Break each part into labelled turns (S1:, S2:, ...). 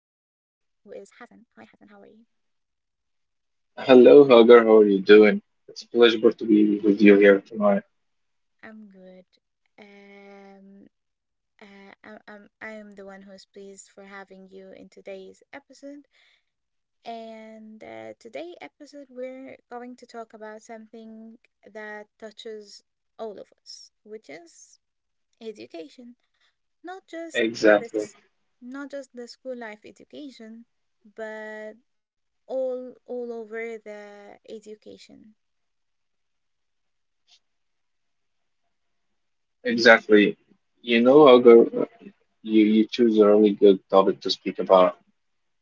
S1: who is Hassan. Hi, Hassan. How are you?
S2: Hello, Hagar. How are you doing? It's a pleasure to be with you here tonight.
S1: I'm good. Um, I'm the one who's pleased for having you in today's episode. And today episode we're going to talk about something that touches all of us, which is education. Not just
S2: Exactly.
S1: this not just the school life education, but all over the education.
S2: Exactly. Hagar, you choose a really good topic to speak about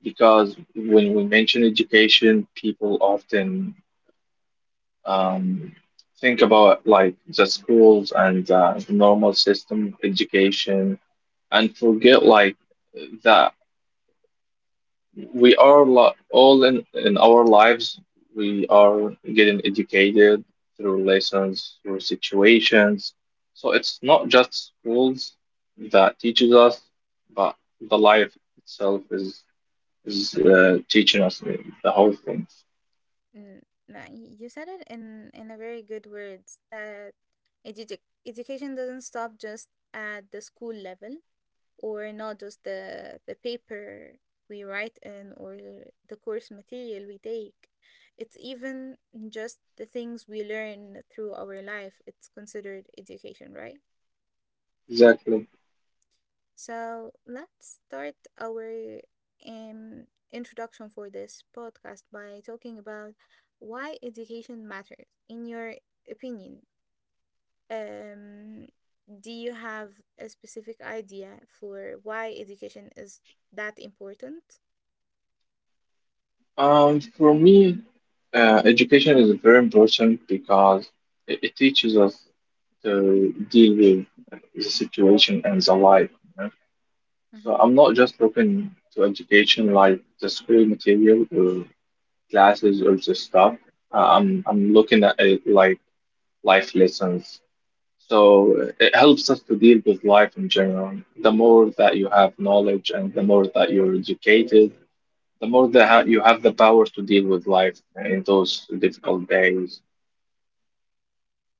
S2: because when we mention education, people often um, think about like the schools and the normal system of education and forget like that. We are all in our lives, we are getting educated through lessons, through situations, so it's not just schools that teaches us, but the life itself is teaching us the whole thing.
S1: Mm, nah, you said it in a very good words that edu- education doesn't stop just at the school level, or not just the paper we write in, or the course material we take. It's even just the things we learn through our life. It's considered education, right?
S2: Exactly.
S1: So let's start our um, introduction for this podcast by talking about why education matters. In your opinion, um, do you have a specific idea for why education is that important?
S2: Um, for me, education is very important because it teaches us to deal with the situation and the life. So
S1: Hmm.
S2: I'm not just looking to education like the school material or classes or the stuff. I'm looking at it like life lessons. So it helps us to deal with life in general. The more that you have knowledge and the more that you're educated, the more that ha you have the power to deal with life in those difficult days.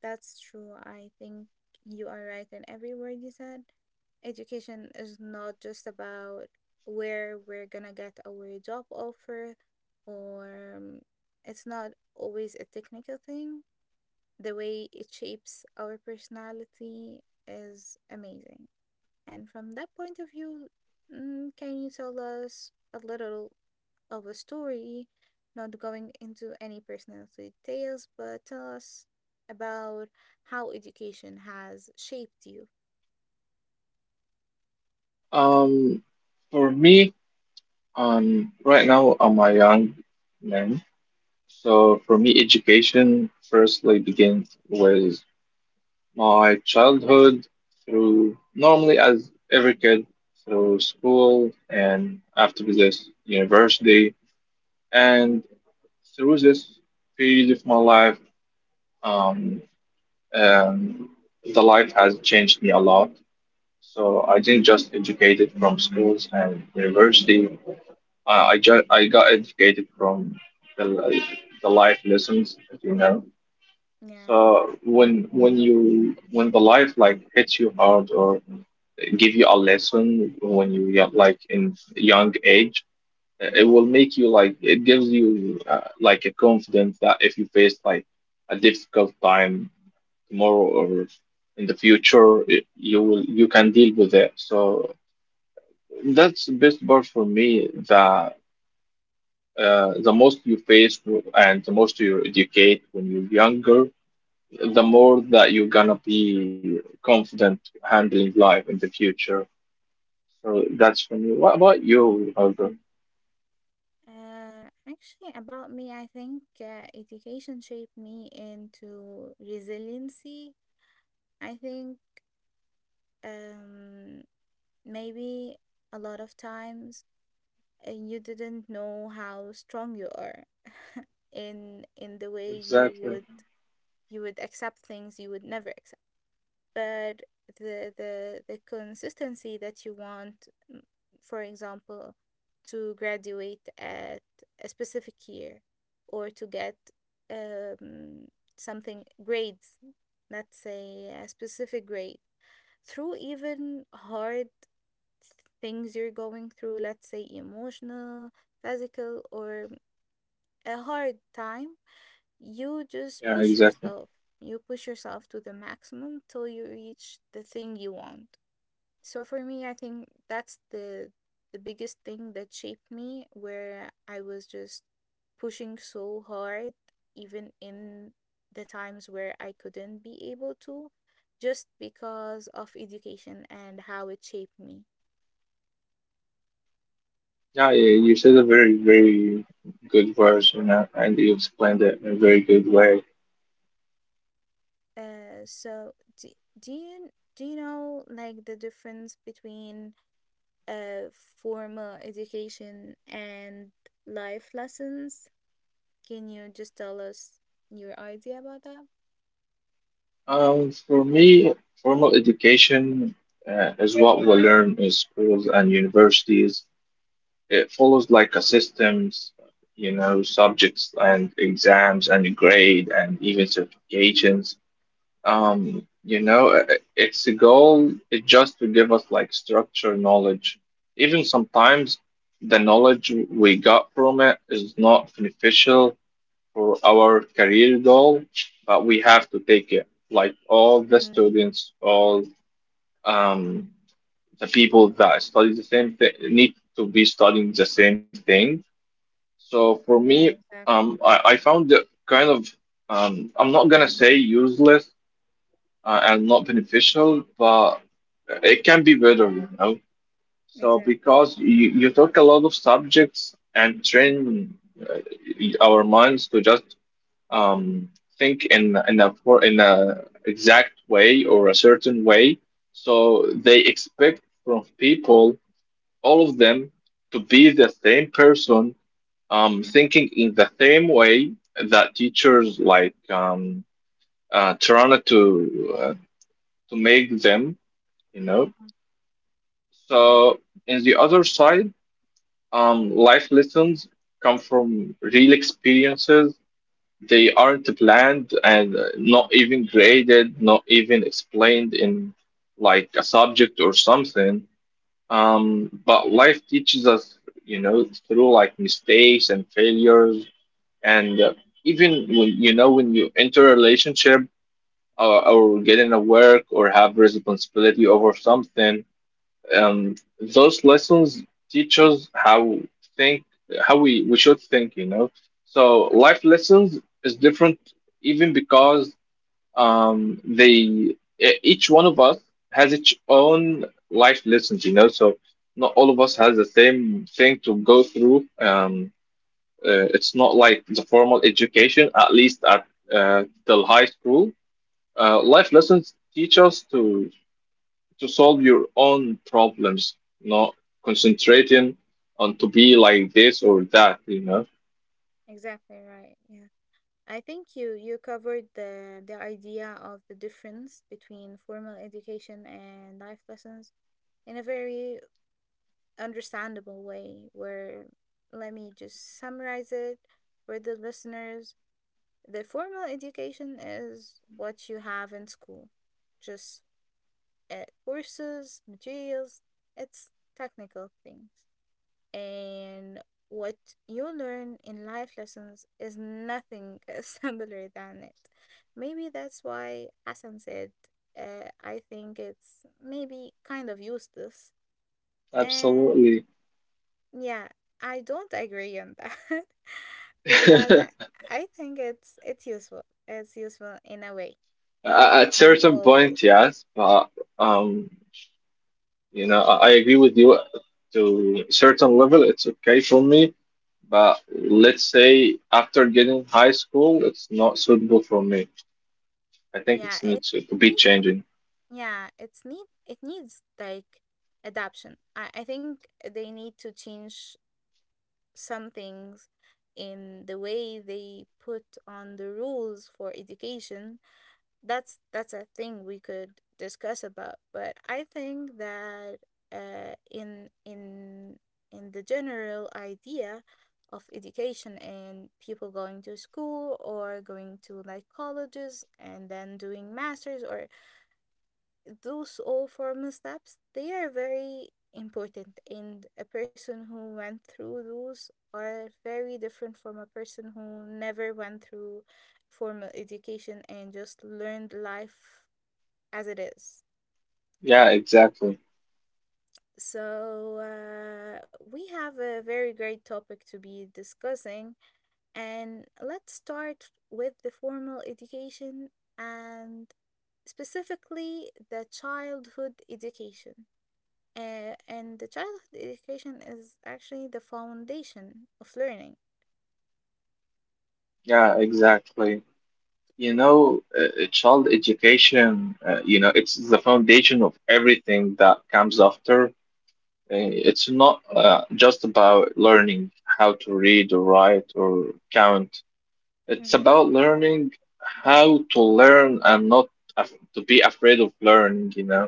S1: That's true. I think you are right in every word you said. Education is not just about where we're gonna get our job offer, or it's not always a technical thing. The way it shapes our personality is amazing. And from that point of view, can you tell us a little of a story, not going into any personal details, but tell us about how education has shaped you.
S2: Um, for me, right now I'm a young man. So for me, education firstly begins with my childhood, through normally as every kid, through school and after this university, and through this period of my life. um, um, the life has changed me a lot. So I
S1: Hmm.
S2: didn't just educated from schools and university. I got educated from the life lessons, as you know.
S1: Yeah.
S2: So when the life like hits you hard or give you a lesson when you, yeah, like in young age, it will make you like, it gives you like a confidence that if you face like a difficult time tomorrow or in the future, it, you will you can deal with it. So that's the best part for me, that the most you face, and the most you educate when you're younger, the more that you're gonna be confident handling life in the future. So that's when you. What about you, Holger?
S1: Actually, about me, I think education shaped me into resiliency. I think um, maybe a lot of times you didn't know how strong you are in the way you
S2: Exactly.
S1: would accept things you would never accept. But the consistency that you want, m- for example, to graduate at a specific year, or to get um, something grades, let's say a specific grade, through even hard things you're going through, let's say emotional, physical, or a hard time, you just
S2: Yeah,
S1: push
S2: exactly.
S1: yourself. You push yourself to the maximum till you reach the thing you want. So for me, I think that's the biggest thing that shaped me, where I was just pushing so hard, even in the times where I couldn't be able to, just because of education and how it shaped me.
S2: Yeah, yeah, you said a very, very good version, and you explained it in a very good way.
S1: So do, do you do you know like the difference between formal education and life lessons. Can you just tell us your idea about that?
S2: For me, formal education is what we learn in schools and universities. It follows like a systems, subjects and exams and grade and even certifications. Um, you know, uh, it's a goal. It just to give us like structure knowledge. Even sometimes the knowledge we got from it is not beneficial for our career goal, but we have to take it. Like all the
S1: Mm.
S2: students, all um, the people that study the same thing need to be studying the same thing. So for me,
S1: Yeah, exactly.
S2: I found it kind of, I'm not gonna say useless and not beneficial, but it can be better. So
S1: Exactly.
S2: because you took a lot of subjects and train uh, our minds to just um, think in a exact way or a certain way, so they expect from people, all of them, to be the same person, thinking in the same way that teachers like, trying to, to make them you know.
S1: Mhm. Yeah,
S2: So, in the other side, life lessons come from real experiences. They aren't planned, and not even graded, not even explained in like a subject or something. But life teaches us, through like mistakes and failures, and even when you enter a relationship, or get in a work, or have responsibility over something. Um, those lessons teach us how think, how we should think. So life lessons is different, even because they, each one of us has its own life lessons. So not all of us has the same thing to go through. It's not like the formal education, at least at till high school. Life lessons teach us to solve your own problems, not
S1: exact,
S2: concentrating on to be like this or that, you know?
S1: exactly right. Yeah, I think you covered the idea of the difference between formal education and life lessons in a very understandable way. Where let me just summarize it for the listeners. The formal education is what you have in school, just courses, materials, it's technical things. And what you learn in life lessons is nothing similar than it. Maybe that's why Hassan said, I think it's maybe kind of useless. And
S2: Absolutely.
S1: yeah, I don't agree on that because
S2: A-
S1: I think it's useful. It's useful in a way, not
S2: At
S1: in
S2: certain
S1: always.
S2: point, yes, but um, I agree with you to a certain level, it's okay for me, but let's say after getting high school, it's not suitable for me. I think
S1: Yeah,
S2: it's needs to be
S1: need,
S2: changing.
S1: yeah, it needs like adaption. I think they need to change some things in the way they put on the rules for education. That's a thing we could discuss about, but I think that, in in the general idea of education and people going to school or going to like colleges and then doing masters, or those all formal steps, they are very important, and a person who went through those are very different from a person who never went through formal education and just learned life as it is.
S2: Yeah, exactly.
S1: So, we have a very great topic to be discussing, and let's start with the formal education, and specifically the childhood education. And the childhood education is actually the foundation of learning.
S2: Yeah, exactly. Child education, it's the foundation of everything that comes after. It's not just about learning how to read or write or count. It's
S1: Mm-hmm.
S2: about learning how to learn and not af to be afraid of learning.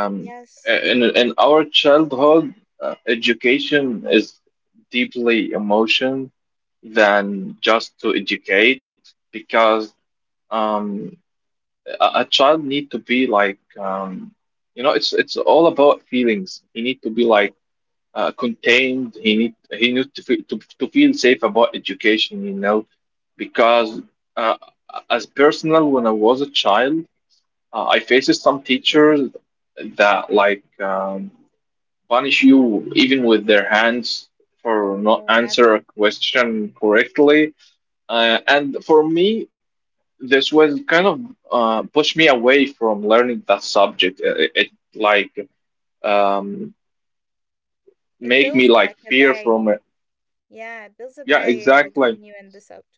S2: Um,
S1: Yes.
S2: in our childhood, education is deeply emotion than just to educate because. Um, a child need to be like, um, it's all about feelings. He need to be like, contained. He need to feel safe about education, because,
S1: Mm-hmm.
S2: uh, as personal, when I was a child, I faced some teachers that like, um, punish you even with their hands for
S1: Oh
S2: not
S1: no, that
S2: answer a question correctly, and for me this was kind of, pushed me away from learning that subject. It like, um,
S1: it
S2: make
S1: builds
S2: me like
S1: like a
S2: fear from
S1: barrier.
S2: it.
S1: Yeah, it builds a
S2: Yeah,
S1: barrier
S2: exactly.
S1: between you and the subject.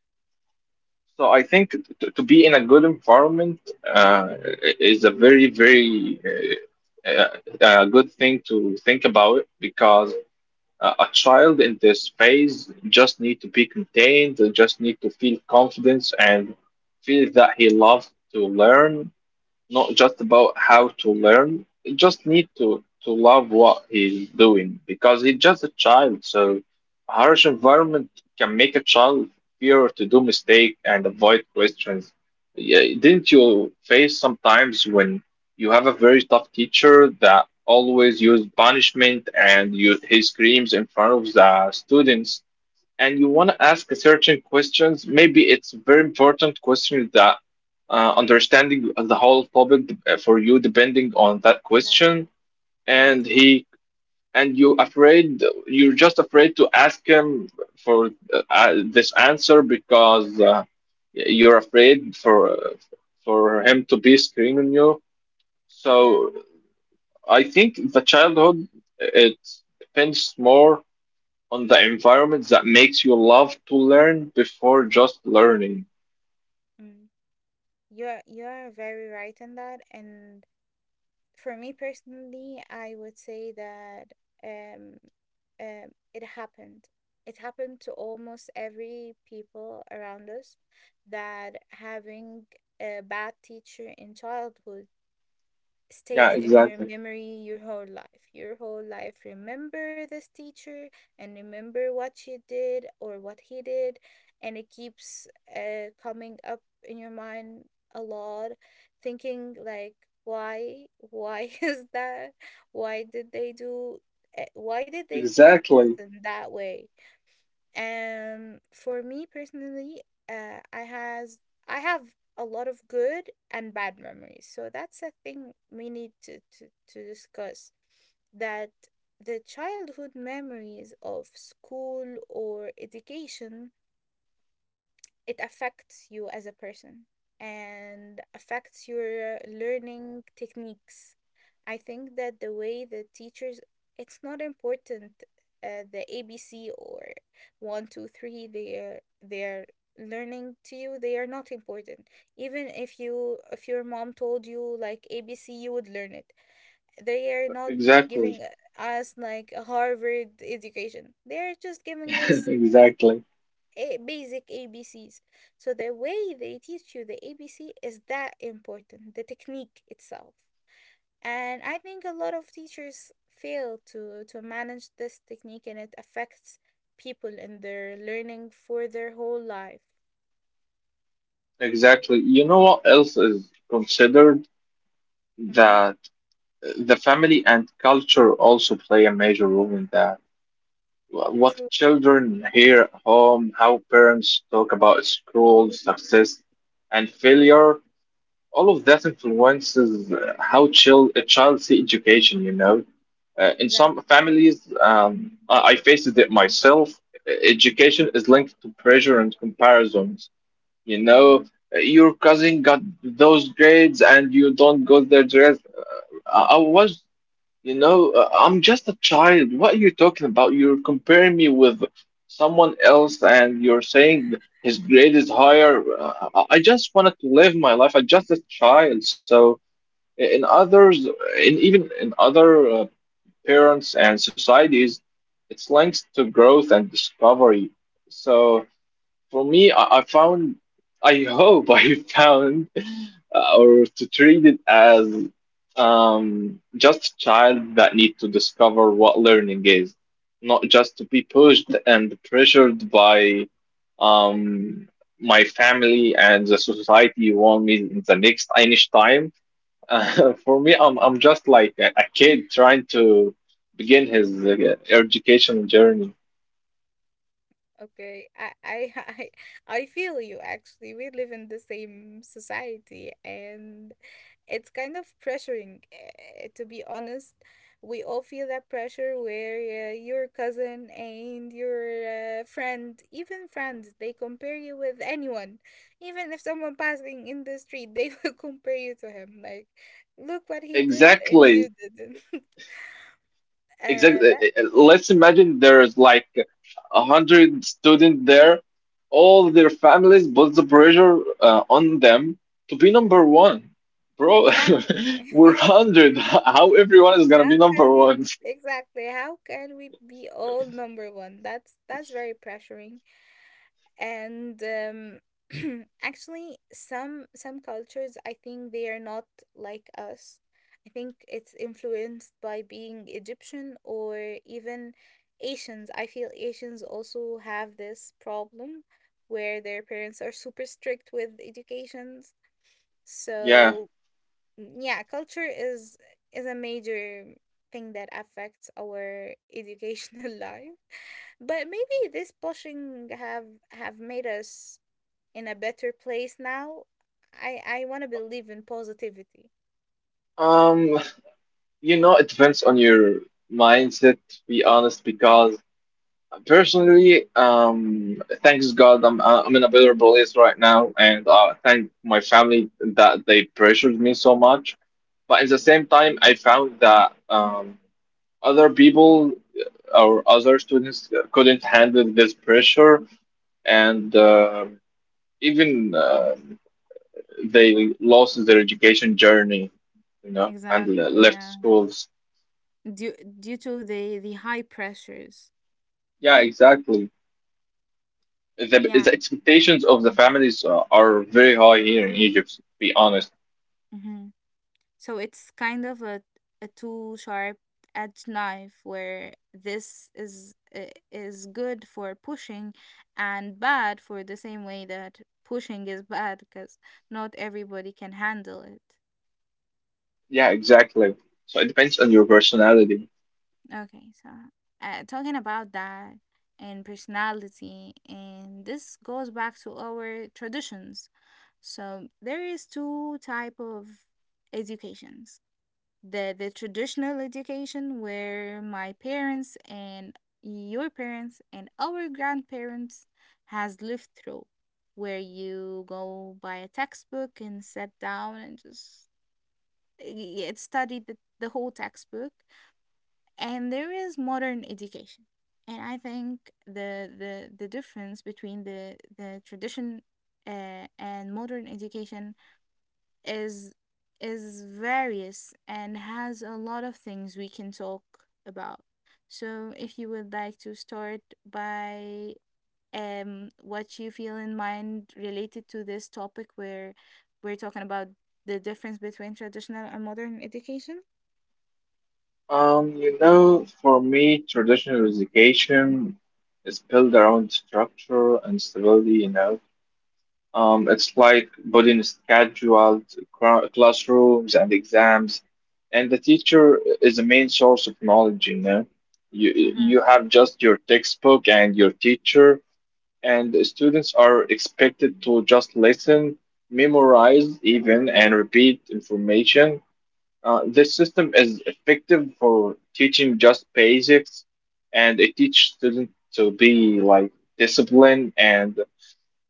S2: So I think to be in a good environment uh, is a very very uh, good thing to think about, because a child in this phase just need to be contained, just need to feel confidence and feel that he loves to learn, not just about how to learn. He just need to love what he's doing because he's just a child. So a harsh environment can make a child fear to do mistake and avoid questions. Yeah, didn't you face sometimes when you have a very tough teacher that always use punishment, and he screams in front of the students, and you want to ask a certain questions, maybe it's very important question that, understanding the whole topic, for you depending on that
S1: Exactly.
S2: question,
S1: Yeah, it's
S2: and
S1: not
S2: he and you afraid you're just afraid to ask him for, this answer because, you're afraid for him to be screaming you.
S1: exact.
S2: So I think the childhood, it depends more on the environment that makes you love to learn before just learning.
S1: Mm. You're very right in that. And for me personally, I would say that um, it happened. It happened to almost every people around us that having a bad teacher in childhood
S2: Yeah,
S1: stays in your
S2: exactly.
S1: memory your whole life. Your whole life remember this teacher, and remember what she did or what he did, and it keeps coming up in your mind a lot, thinking like, why is that, why did they do, why did they teach us
S2: Exactly.
S1: in that way. For me personally, uh, I has I have a lot of good and bad memories. So that's a thing we need to discuss. That the childhood memories of school or education, it affects you as a person, and affects your learning techniques. I think that the way the teachers, it's not important the ABC or one, two, three, they are learning to you. They are not important. Even if your mom told you like ABC, you would learn it. They are not
S2: Exactly.
S1: giving us like a Harvard education. They are just giving us
S2: Exactly.
S1: basic ABC's. So the way they teach you the ABC is that important, the technique itself. And I think a lot of teachers fail to manage this technique, and it affects people in their learning for their whole life.
S2: Exactly. You know what else is considered
S1: Mm-hmm.
S2: that the family and culture also play a major role in that. What
S1: True,
S2: children hear at home, how parents talk about school, success, and failure, all of that influences how chill a child see education, in some
S1: exactly.
S2: families. I faced it myself. Education is linked to pressure and comparisons, you
S1: Mm-hmm.
S2: know your cousin got those grades and you don't got their grades. I was you know, I'm just a child. What are you talking about? You're comparing me with someone else, and you're saying his grade is higher. I just wanted to live my life. I'm just a child. So i- in others, in other parents and societies, it's linked to growth and discovery. So for me, I found, I hope I found, or to treat it as just a child that need to discover what learning is, not just to be pushed and pressured by, um, my family and the society want me in the next Einstein. For me, I'm just like a kid trying to begin his education journey.
S1: Okay, I I I feel you actually. We live in the same society, and it's kind of pressuring, to be honest. We all feel that pressure where your cousin and your friend, even friends, they compare you with anyone. Even if someone passing in the street, they will compare you to him. Like, look what he did and
S2: Exactly.
S1: you didn't.
S2: Exactly.
S1: That
S2: Let's imagine there's like 100 students there, all their families put the pressure on them to be number one. Bro,
S1: exactly.
S2: we're 100. How everyone is gonna be
S1: How can
S2: number
S1: we
S2: one?
S1: exactly? How can we be all number one? That's very pressuring. And actually, some cultures, I think they are not like us. I think it's influenced by being Egyptian or even Asians. I feel Asians also have this problem where their parents are super strict with educations.
S2: Yeah.
S1: So, mm, yeah, culture is a major thing that affects our educational life, but maybe this pushing have made us in a better place now. I want to believe in positivity.
S2: Um, it depends on your mindset, to be honest, because Personally, thanks God, I'm in a better place right now, and thank my family that they pressured me so much. But at the same time, I found that, other people, or other students couldn't handle this pressure, and even, they lost their education journey, and
S1: Exactly,
S2: left
S1: yeah.
S2: schools.
S1: Due Due to the high pressures.
S2: Yeah, exactly. the
S1: Yeah.
S2: the expectations of the families are very high here in Egypt, to be honest.
S1: Hmm. So it's kind of a two sharp edged knife, where this is good for pushing and bad for the same way that pushing is bad, because not everybody can handle it.
S2: Yeah, exactly. So it depends on your personality.
S1: Okay, so, talking about that and personality, and this goes back to our traditions. So there is two type of educations. The traditional education, where my parents and your parents and our grandparents has lived through, where you go buy a textbook and sit down and just study the whole textbook. And there is modern education, and I think the difference between the tradition and modern education is is various, and has a lot of things we can talk about. So if you would like to start by what you feel in mind related to this topic, where we're talking about the difference between traditional and modern education.
S2: For me, traditional education is built around structure and stability. It's like building scheduled classrooms and exams, and the teacher is the main source of knowledge, you know. You
S1: Mm-hmm.
S2: have just your textbook and your teacher, and the students are expected to just listen, memorize even, and repeat information. This system is effective for teaching just basics, and it teaches students to be like disciplined and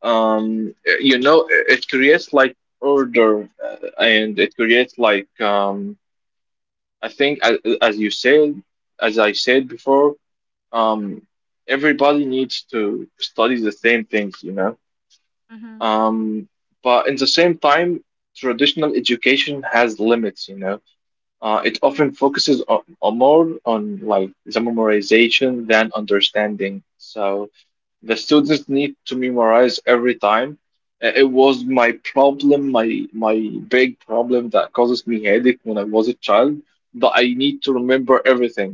S2: um, you know it creates like order, and it creates like I think as you said as I said before, um, everybody needs to study the same things, you know.
S1: Mm-hmm.
S2: um, but in the same time, traditional education has limits, you know. It often focuses on more on like the memorization than understanding. So the students need to memorize every time. It was my problem, my big problem that causes me headache when I was a child, that I need to remember everything.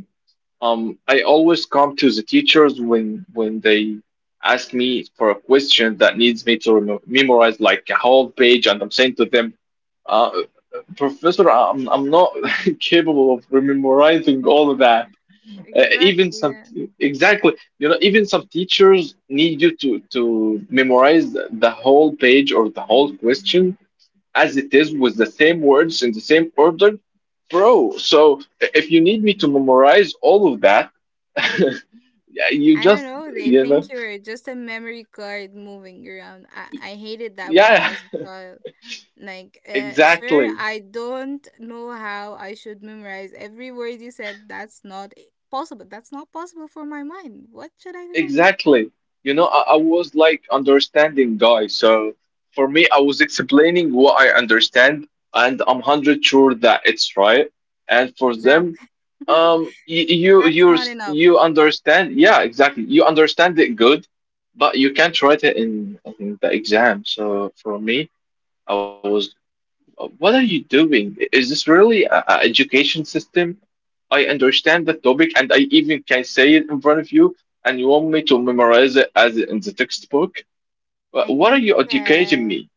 S2: I always come to the teachers when they ask me for a question that needs me to remo memorize like a whole page, and I'm saying to them, uh, "Professor, I'm not capable of memorizing all of that." Even
S1: Exactly.
S2: some
S1: Yeah.
S2: Exactly, you know, even some teachers need you to memorize the whole page or the whole question as it is with the same words in the same order, bro. So if you need me to memorize all of that, yeah, you
S1: I don't
S2: just,
S1: know. They
S2: you
S1: think
S2: know,
S1: you're just a memory card moving around. I hated that when I
S2: yeah,
S1: was a child. Like, sir,
S2: exactly.
S1: I don't know how I should memorize every word you said. That's not possible. That's not possible for my mind. What should I do?
S2: Exactly. You know, I was like understanding guy. So for me, I was explaining what I understand, and I'm hundred sure that it's right. And for them,
S1: Exactly.
S2: um, you you
S1: That's
S2: you
S1: not enough.
S2: you understand? Yeah, exactly. You understand it good, but you can't write it in the exam. So for me, I was, what are you doing? Is this really a education system? I understand the topic and I even can say it in front of you, and you want me to memorize it as in the textbook?
S1: I
S2: What are
S1: think
S2: you educating
S1: uh,
S2: me?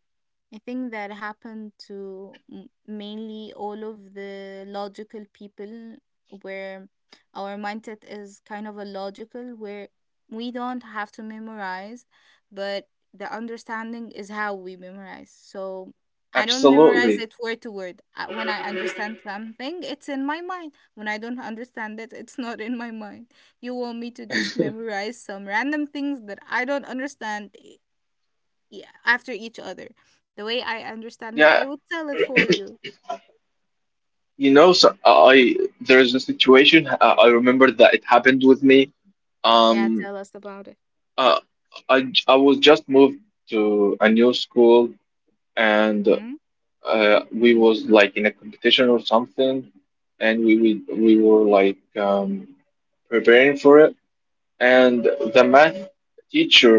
S1: I think that happened to mainly all of the logical people, where our mindset is kind of a logical, where we don't have to memorize, but the understanding is how we memorize. So I don't memorize
S2: Absolutely.
S1: it word to word. When I understand something, it's in my mind. When I don't understand it, it's not in my mind. You want me to just memorize some random things that I don't understand. Yeah, after each other. The way I understand it,
S2: Yeah,
S1: I will tell it for you.
S2: you know, so I there is a situation, I remember that it happened with me.
S1: Yeah,
S2: Um,
S1: tell us about it.
S2: uh, I was just moved to a new school and
S1: Mhm.
S2: we was like in a competition or something, and we were like preparing for it and the math teacher,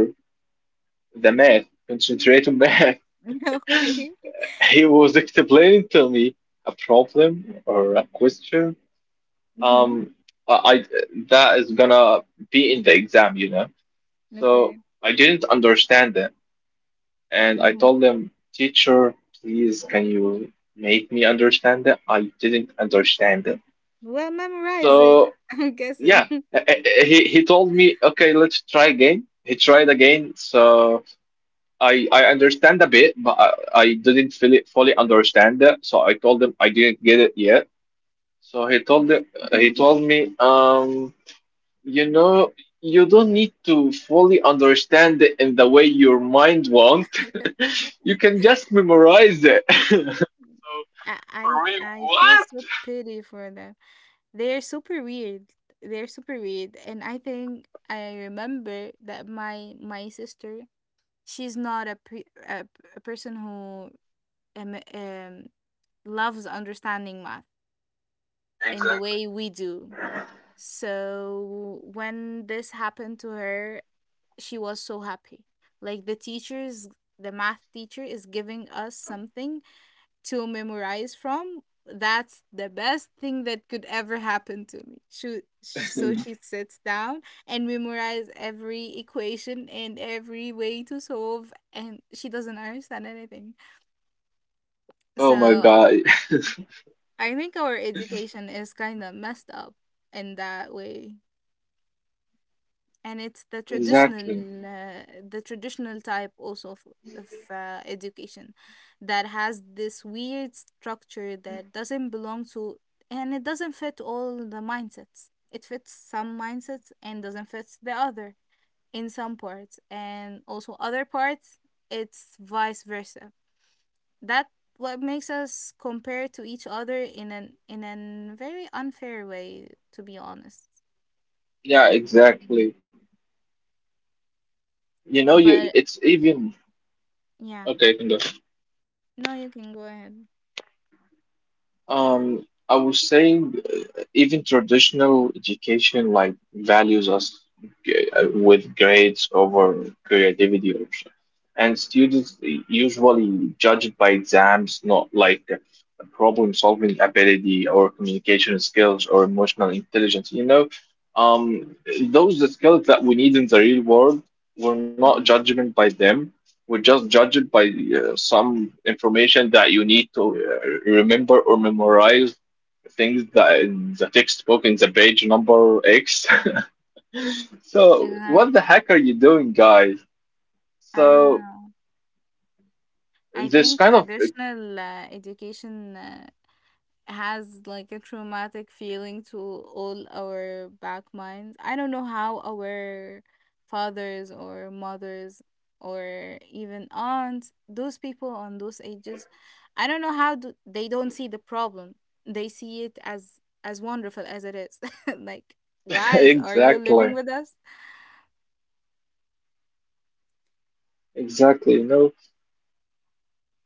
S2: the math, concentrate on math.
S1: Okay.
S2: He was explaining to me a problem or a question. Um,
S1: Mhm.
S2: I I- that is gonna be in the exam, you know. So
S1: Okay.
S2: I didn't understand it, and I
S1: Mhm.
S2: told him, teacher, please, can you make me understand it? I didn't understand it.
S1: Well, memorize it.
S2: So
S1: I'm guessing.
S2: yeah, he told me, okay, let's try again. He tried again, so. I understand a bit, but I didn't fully understand it. So I told him I didn't get it yet. So he told me, you know, you don't need to fully understand it in the way your mind wants. You can just memorize it. So
S1: I
S2: for
S1: I
S2: me,
S1: I feel
S2: what?
S1: so pity for them. They're super weird. They're super weird, and I think I remember that my sister, she's not a pe- a, p- a person who um, um loves understanding math, in the
S2: Exactly.
S1: way we do. So when this happened to her, she was so happy. Like the teachers, the math teacher is giving us something to memorize from. That's the best thing that could ever happen to me. So she sits down and memorize every equation and every way to solve, and she doesn't understand anything.
S2: Oh my
S1: So
S2: God.
S1: I think our education is kind of messed up in that way. And it's
S2: Exactly.
S1: the traditional type also of, of education that has this weird structure that doesn't belong to, and it doesn't fit all the mindsets. It fits some mindsets and doesn't fit the other in some parts, and also other parts it's vice versa. That what makes us compare to each other in an very unfair way, to be honest.
S2: Yeah, exactly. You know, you
S1: But
S2: it's even
S1: yeah,
S2: okay, you can go.
S1: no, you can go ahead.
S2: I would say, even traditional education like values us with grades over creativity also. And students usually judge it by exams, not like problem solving ability or communication skills or emotional intelligence. You know, um, those are the skills that we need in the real world, we're not
S1: Mhm.
S2: judgment by them. We just judge it by some information that you need to remember or memorize things that in the textbook in the page number X. So
S1: Exactly.
S2: what the heck are you doing, guys?
S1: I don't
S2: So
S1: know. I
S2: this
S1: think
S2: kind of
S1: traditional education has like a traumatic feeling to all our back minds. I don't know how our fathers or mothers or even aunts, those people on those ages, I don't know how do, they don't see the problem. They see it as wonderful as it is. Like, guys, are you living
S2: exactly,
S1: with us?
S2: exactly. You know,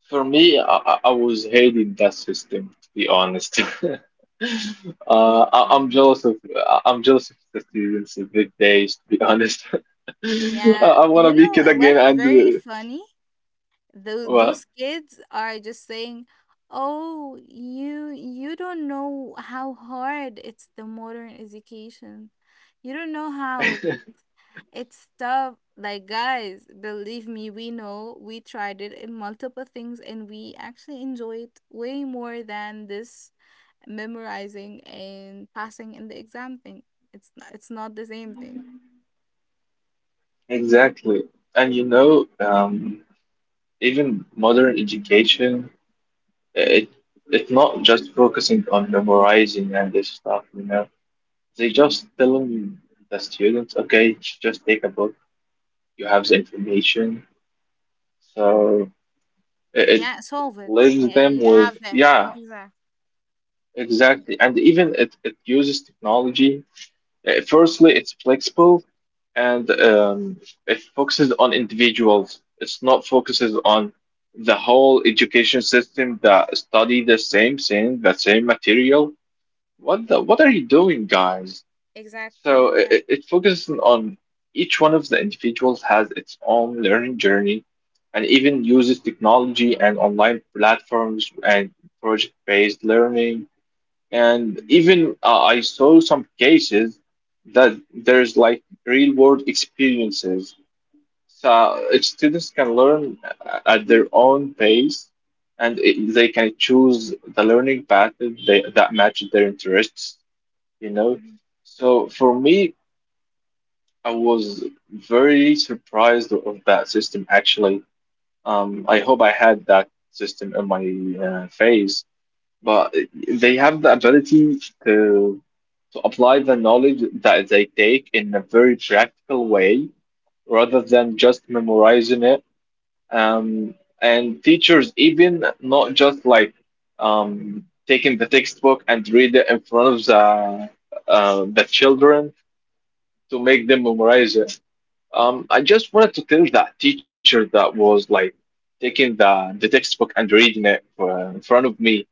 S2: for me, I was hating that system, to be honest.
S1: Me too.
S2: I'm jealous of the students of these days, to be honest.
S1: Yeah,
S2: I
S1: you
S2: want to be
S1: know
S2: kid again,
S1: what's very
S2: and
S1: funny? Tho-
S2: well,
S1: those kids are just saying, oh, you don't know how hard it's the modern education, you don't know how it it's tough. Like, guys, believe me, we know, we tried it in multiple things and we actually enjoyed way more than this memorizing and passing in the exam thing. It's not the same thing.
S2: exactly. And you know, even modern education, it it's not just focusing on memorizing and this stuff. You know, they just telling the students, okay, just take a book. You have the information, so it
S1: Yeah, solve it.
S2: leaves
S1: Yeah,
S2: them
S1: you
S2: with
S1: have that.
S2: yeah,
S1: Exactly.
S2: exactly. And even it uses technology. Firstly, it's flexible, and it focuses on individuals. It's not focuses on the whole education system that study the same thing, the same material. What the, what are you doing, guys? So
S1: Exactly. Yeah.
S2: it focuses on each one of the individuals has its own learning journey, and even uses technology and online platforms and project-based learning, and
S1: Mm-hmm.
S2: even I saw some cases that there's like real world experiences. So if students can learn at their own pace and they can choose the learning path that that matches their interests, you know.
S1: Mm-hmm.
S2: So for me, I was very surprised of that system, actually. I hope I had that system in my phase, but they have the ability to apply the knowledge that they take in a very practical way rather than just memorizing it. Um, and teachers, even not just like taking the textbook and read it in front of the children to make them memorize it. I just wanted to tell that teacher that was like taking the textbook and reading it in front of me.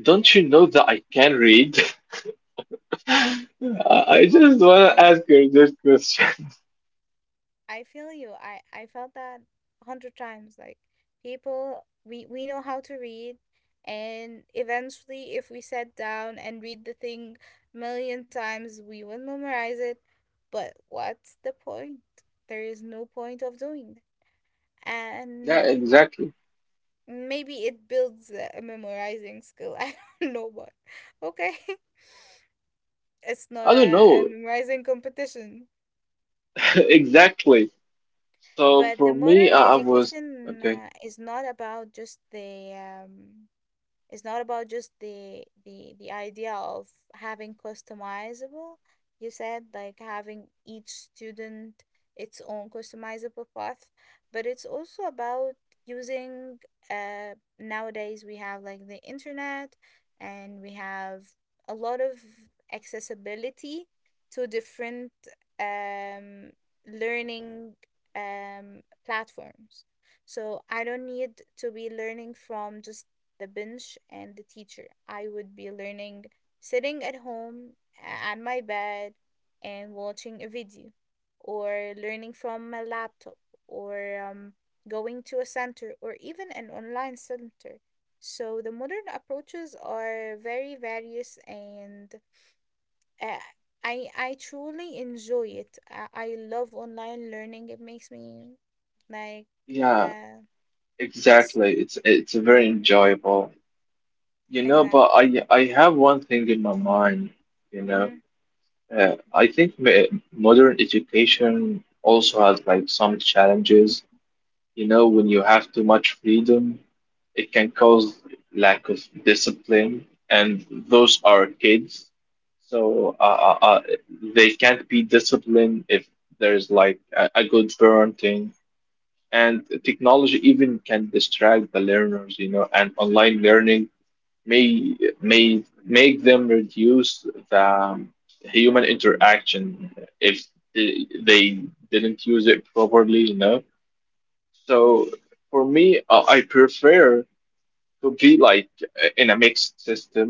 S2: Don't
S1: Yeah.
S2: you know that I can read? I I just
S1: Okay,
S2: want to
S1: Reem.
S2: ask you this question.
S1: I feel you. I felt that 100 times. Like, people, we know how to read, and eventually, if we sat down and read the thing million times, we would memorize it. But what's the point? There is no point of doing that.
S2: Yeah,
S1: And
S2: exactly.
S1: maybe it builds a memorizing skill. I don't know, but okay, it's not
S2: I don't
S1: a
S2: know.
S1: memorizing competition.
S2: Exactly. So
S1: But the
S2: for me,
S1: modern
S2: I was
S1: education
S2: okay.
S1: is not about just the it's not about just the idea of having customizable. You said like having each student its own customizable path, but it's also about using uh nowadays we have like the internet, and we have a lot of accessibility to different um learning platforms. So I don't need to be learning from just the bench and the teacher. I would be learning sitting at home on my bed and watching a video, or learning from my laptop, or going to a center, or even an online center. So the modern approaches are very various and uh, I truly enjoy it. I love online learning. It makes me like
S2: Yeah,
S1: uh s-
S2: exactly. It's very enjoyable, you know.
S1: exact.
S2: But I have one thing in my mind, you know.
S1: Mm-hmm.
S2: Uh, I think modern education also has like some challenges. You know, when you have too much freedom, it can cause lack of discipline, and those are kids. So they can't be disciplined if there's like a good parenting. And technology even can distract the learners, you know, and online learning may may make them reduce the human interaction if they didn't use it properly, you know. So
S1: Mm-hmm.
S2: for me, I prefer to be like in a mixed system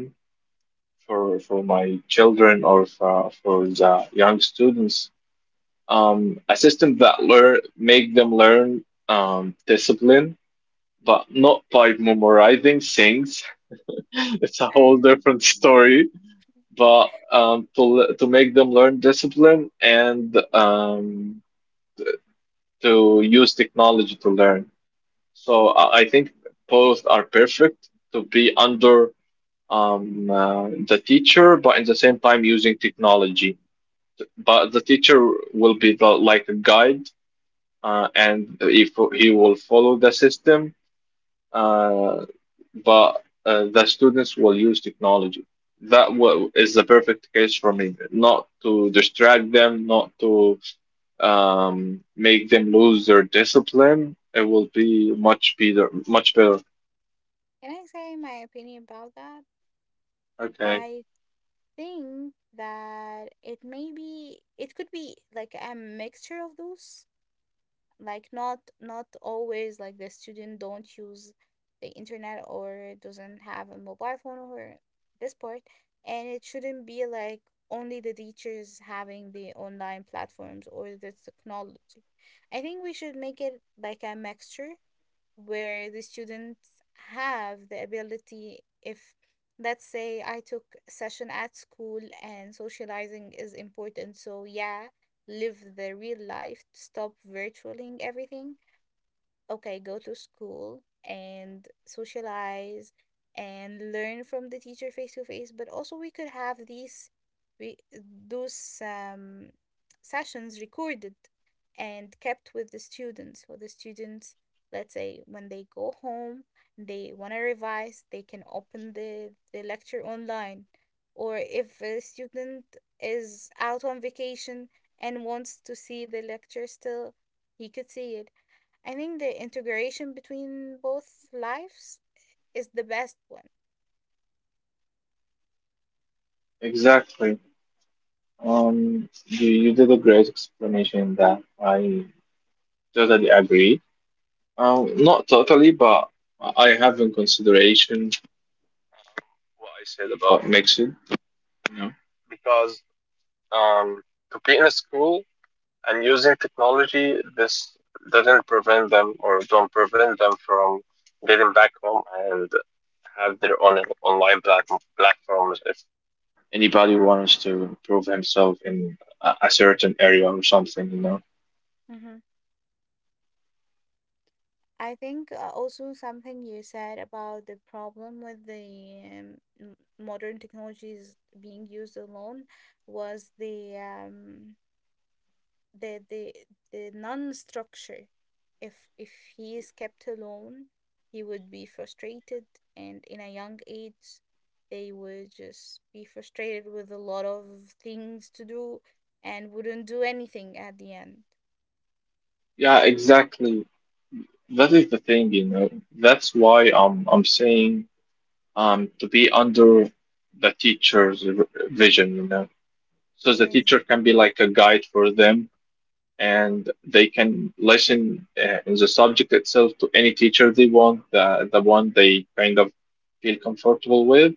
S2: for my children or for the young students. A system that learn make them learn discipline, but not by memorizing things. It's a whole
S1: I,
S2: different story. But to make them learn discipline and to use technology to learn. So I think both are perfect to be under the teacher, but at the same time using technology. But the teacher will be the like a guide, and if he will follow the system, uh, but the students will use technology. Is the perfect case for me. Not to distract them, not to make them lose their discipline. It will be much better, much better.
S1: can I say my opinion about that?
S2: Okay,
S1: I think that it may be it could be like a mixture of those. Like, not not always like the student don't use the internet or doesn't have a mobile phone or this part. And it shouldn't be like only the teachers having the online platforms or the technology. I think we should make it like a mixture where the students have the ability. If let's say I took session at school and socializing is important, so yeah, live the real life, stop virtualing everything. Okay, go to school and socialize and learn from the teacher face to face, but also we could have these, we those sessions recorded and kept with the students. So the students, let's say when they go home, they want to revise, they can open the lecture online. Or if a student is out on vacation and wants to see the lecture still, he could see it. I think the integration between both lives is the best one.
S2: exactly. You did a great explanation that I totally agree. Not totally, but I have in consideration what I said about mixing, you know, because um, to be in a school and using technology, this doesn't prevent them or don't prevent them from getting back home and have their own online platform, platforms anybody wants to improve himself in a certain area or something, you know.
S1: Mm-hmm. I think also something you said about the problem with the modern technologies being used alone was the the the the non-structure. If he is kept alone, he would be frustrated, and in a young age they would just be frustrated with a lot of things to do and wouldn't do anything at the end.
S2: Yeah, exactly. That is the thing, you know. That's why I'm saying to be under the teacher's vision, you know. So the teacher
S1: Exa-
S2: can be like a guide for them, and they can listen in the subject itself to any teacher they want, the one they kind of feel comfortable with.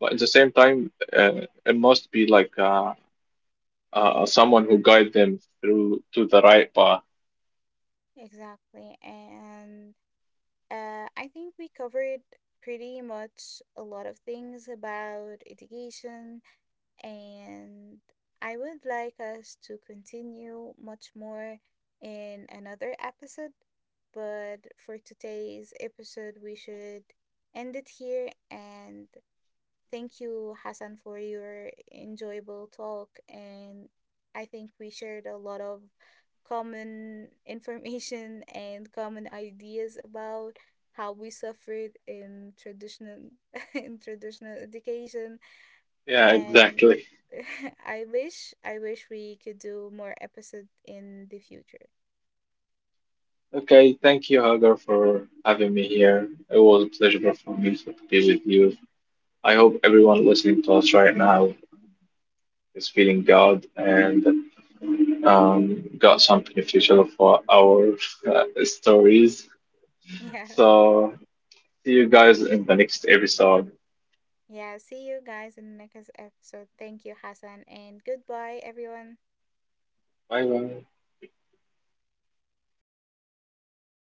S2: But at the same time, it must be like. A someone who guide them through to the right path.
S1: exactly. And I think we covered pretty much a lot of things about education, and I would like us to continue much more in another episode. But for today's episode, we should end it here. And thank you, Hassan, for your enjoyable talk. And I think we shared a lot of common information and common ideas about how we suffered in traditional in traditional education.
S2: Yeah,
S1: And
S2: exactly.
S1: I wish we could do more episode in the future.
S2: Okay, thank you, Hagar, for having me here. It was a pleasure for me to be with you. I hope everyone listening to us right now is feeling good and got some beneficial for our stories.
S1: Yeah.
S2: So, see you guys in the next episode.
S1: Yeah, see you guys in the next episode. Thank you, Hassan, and goodbye, everyone.
S2: Bye bye.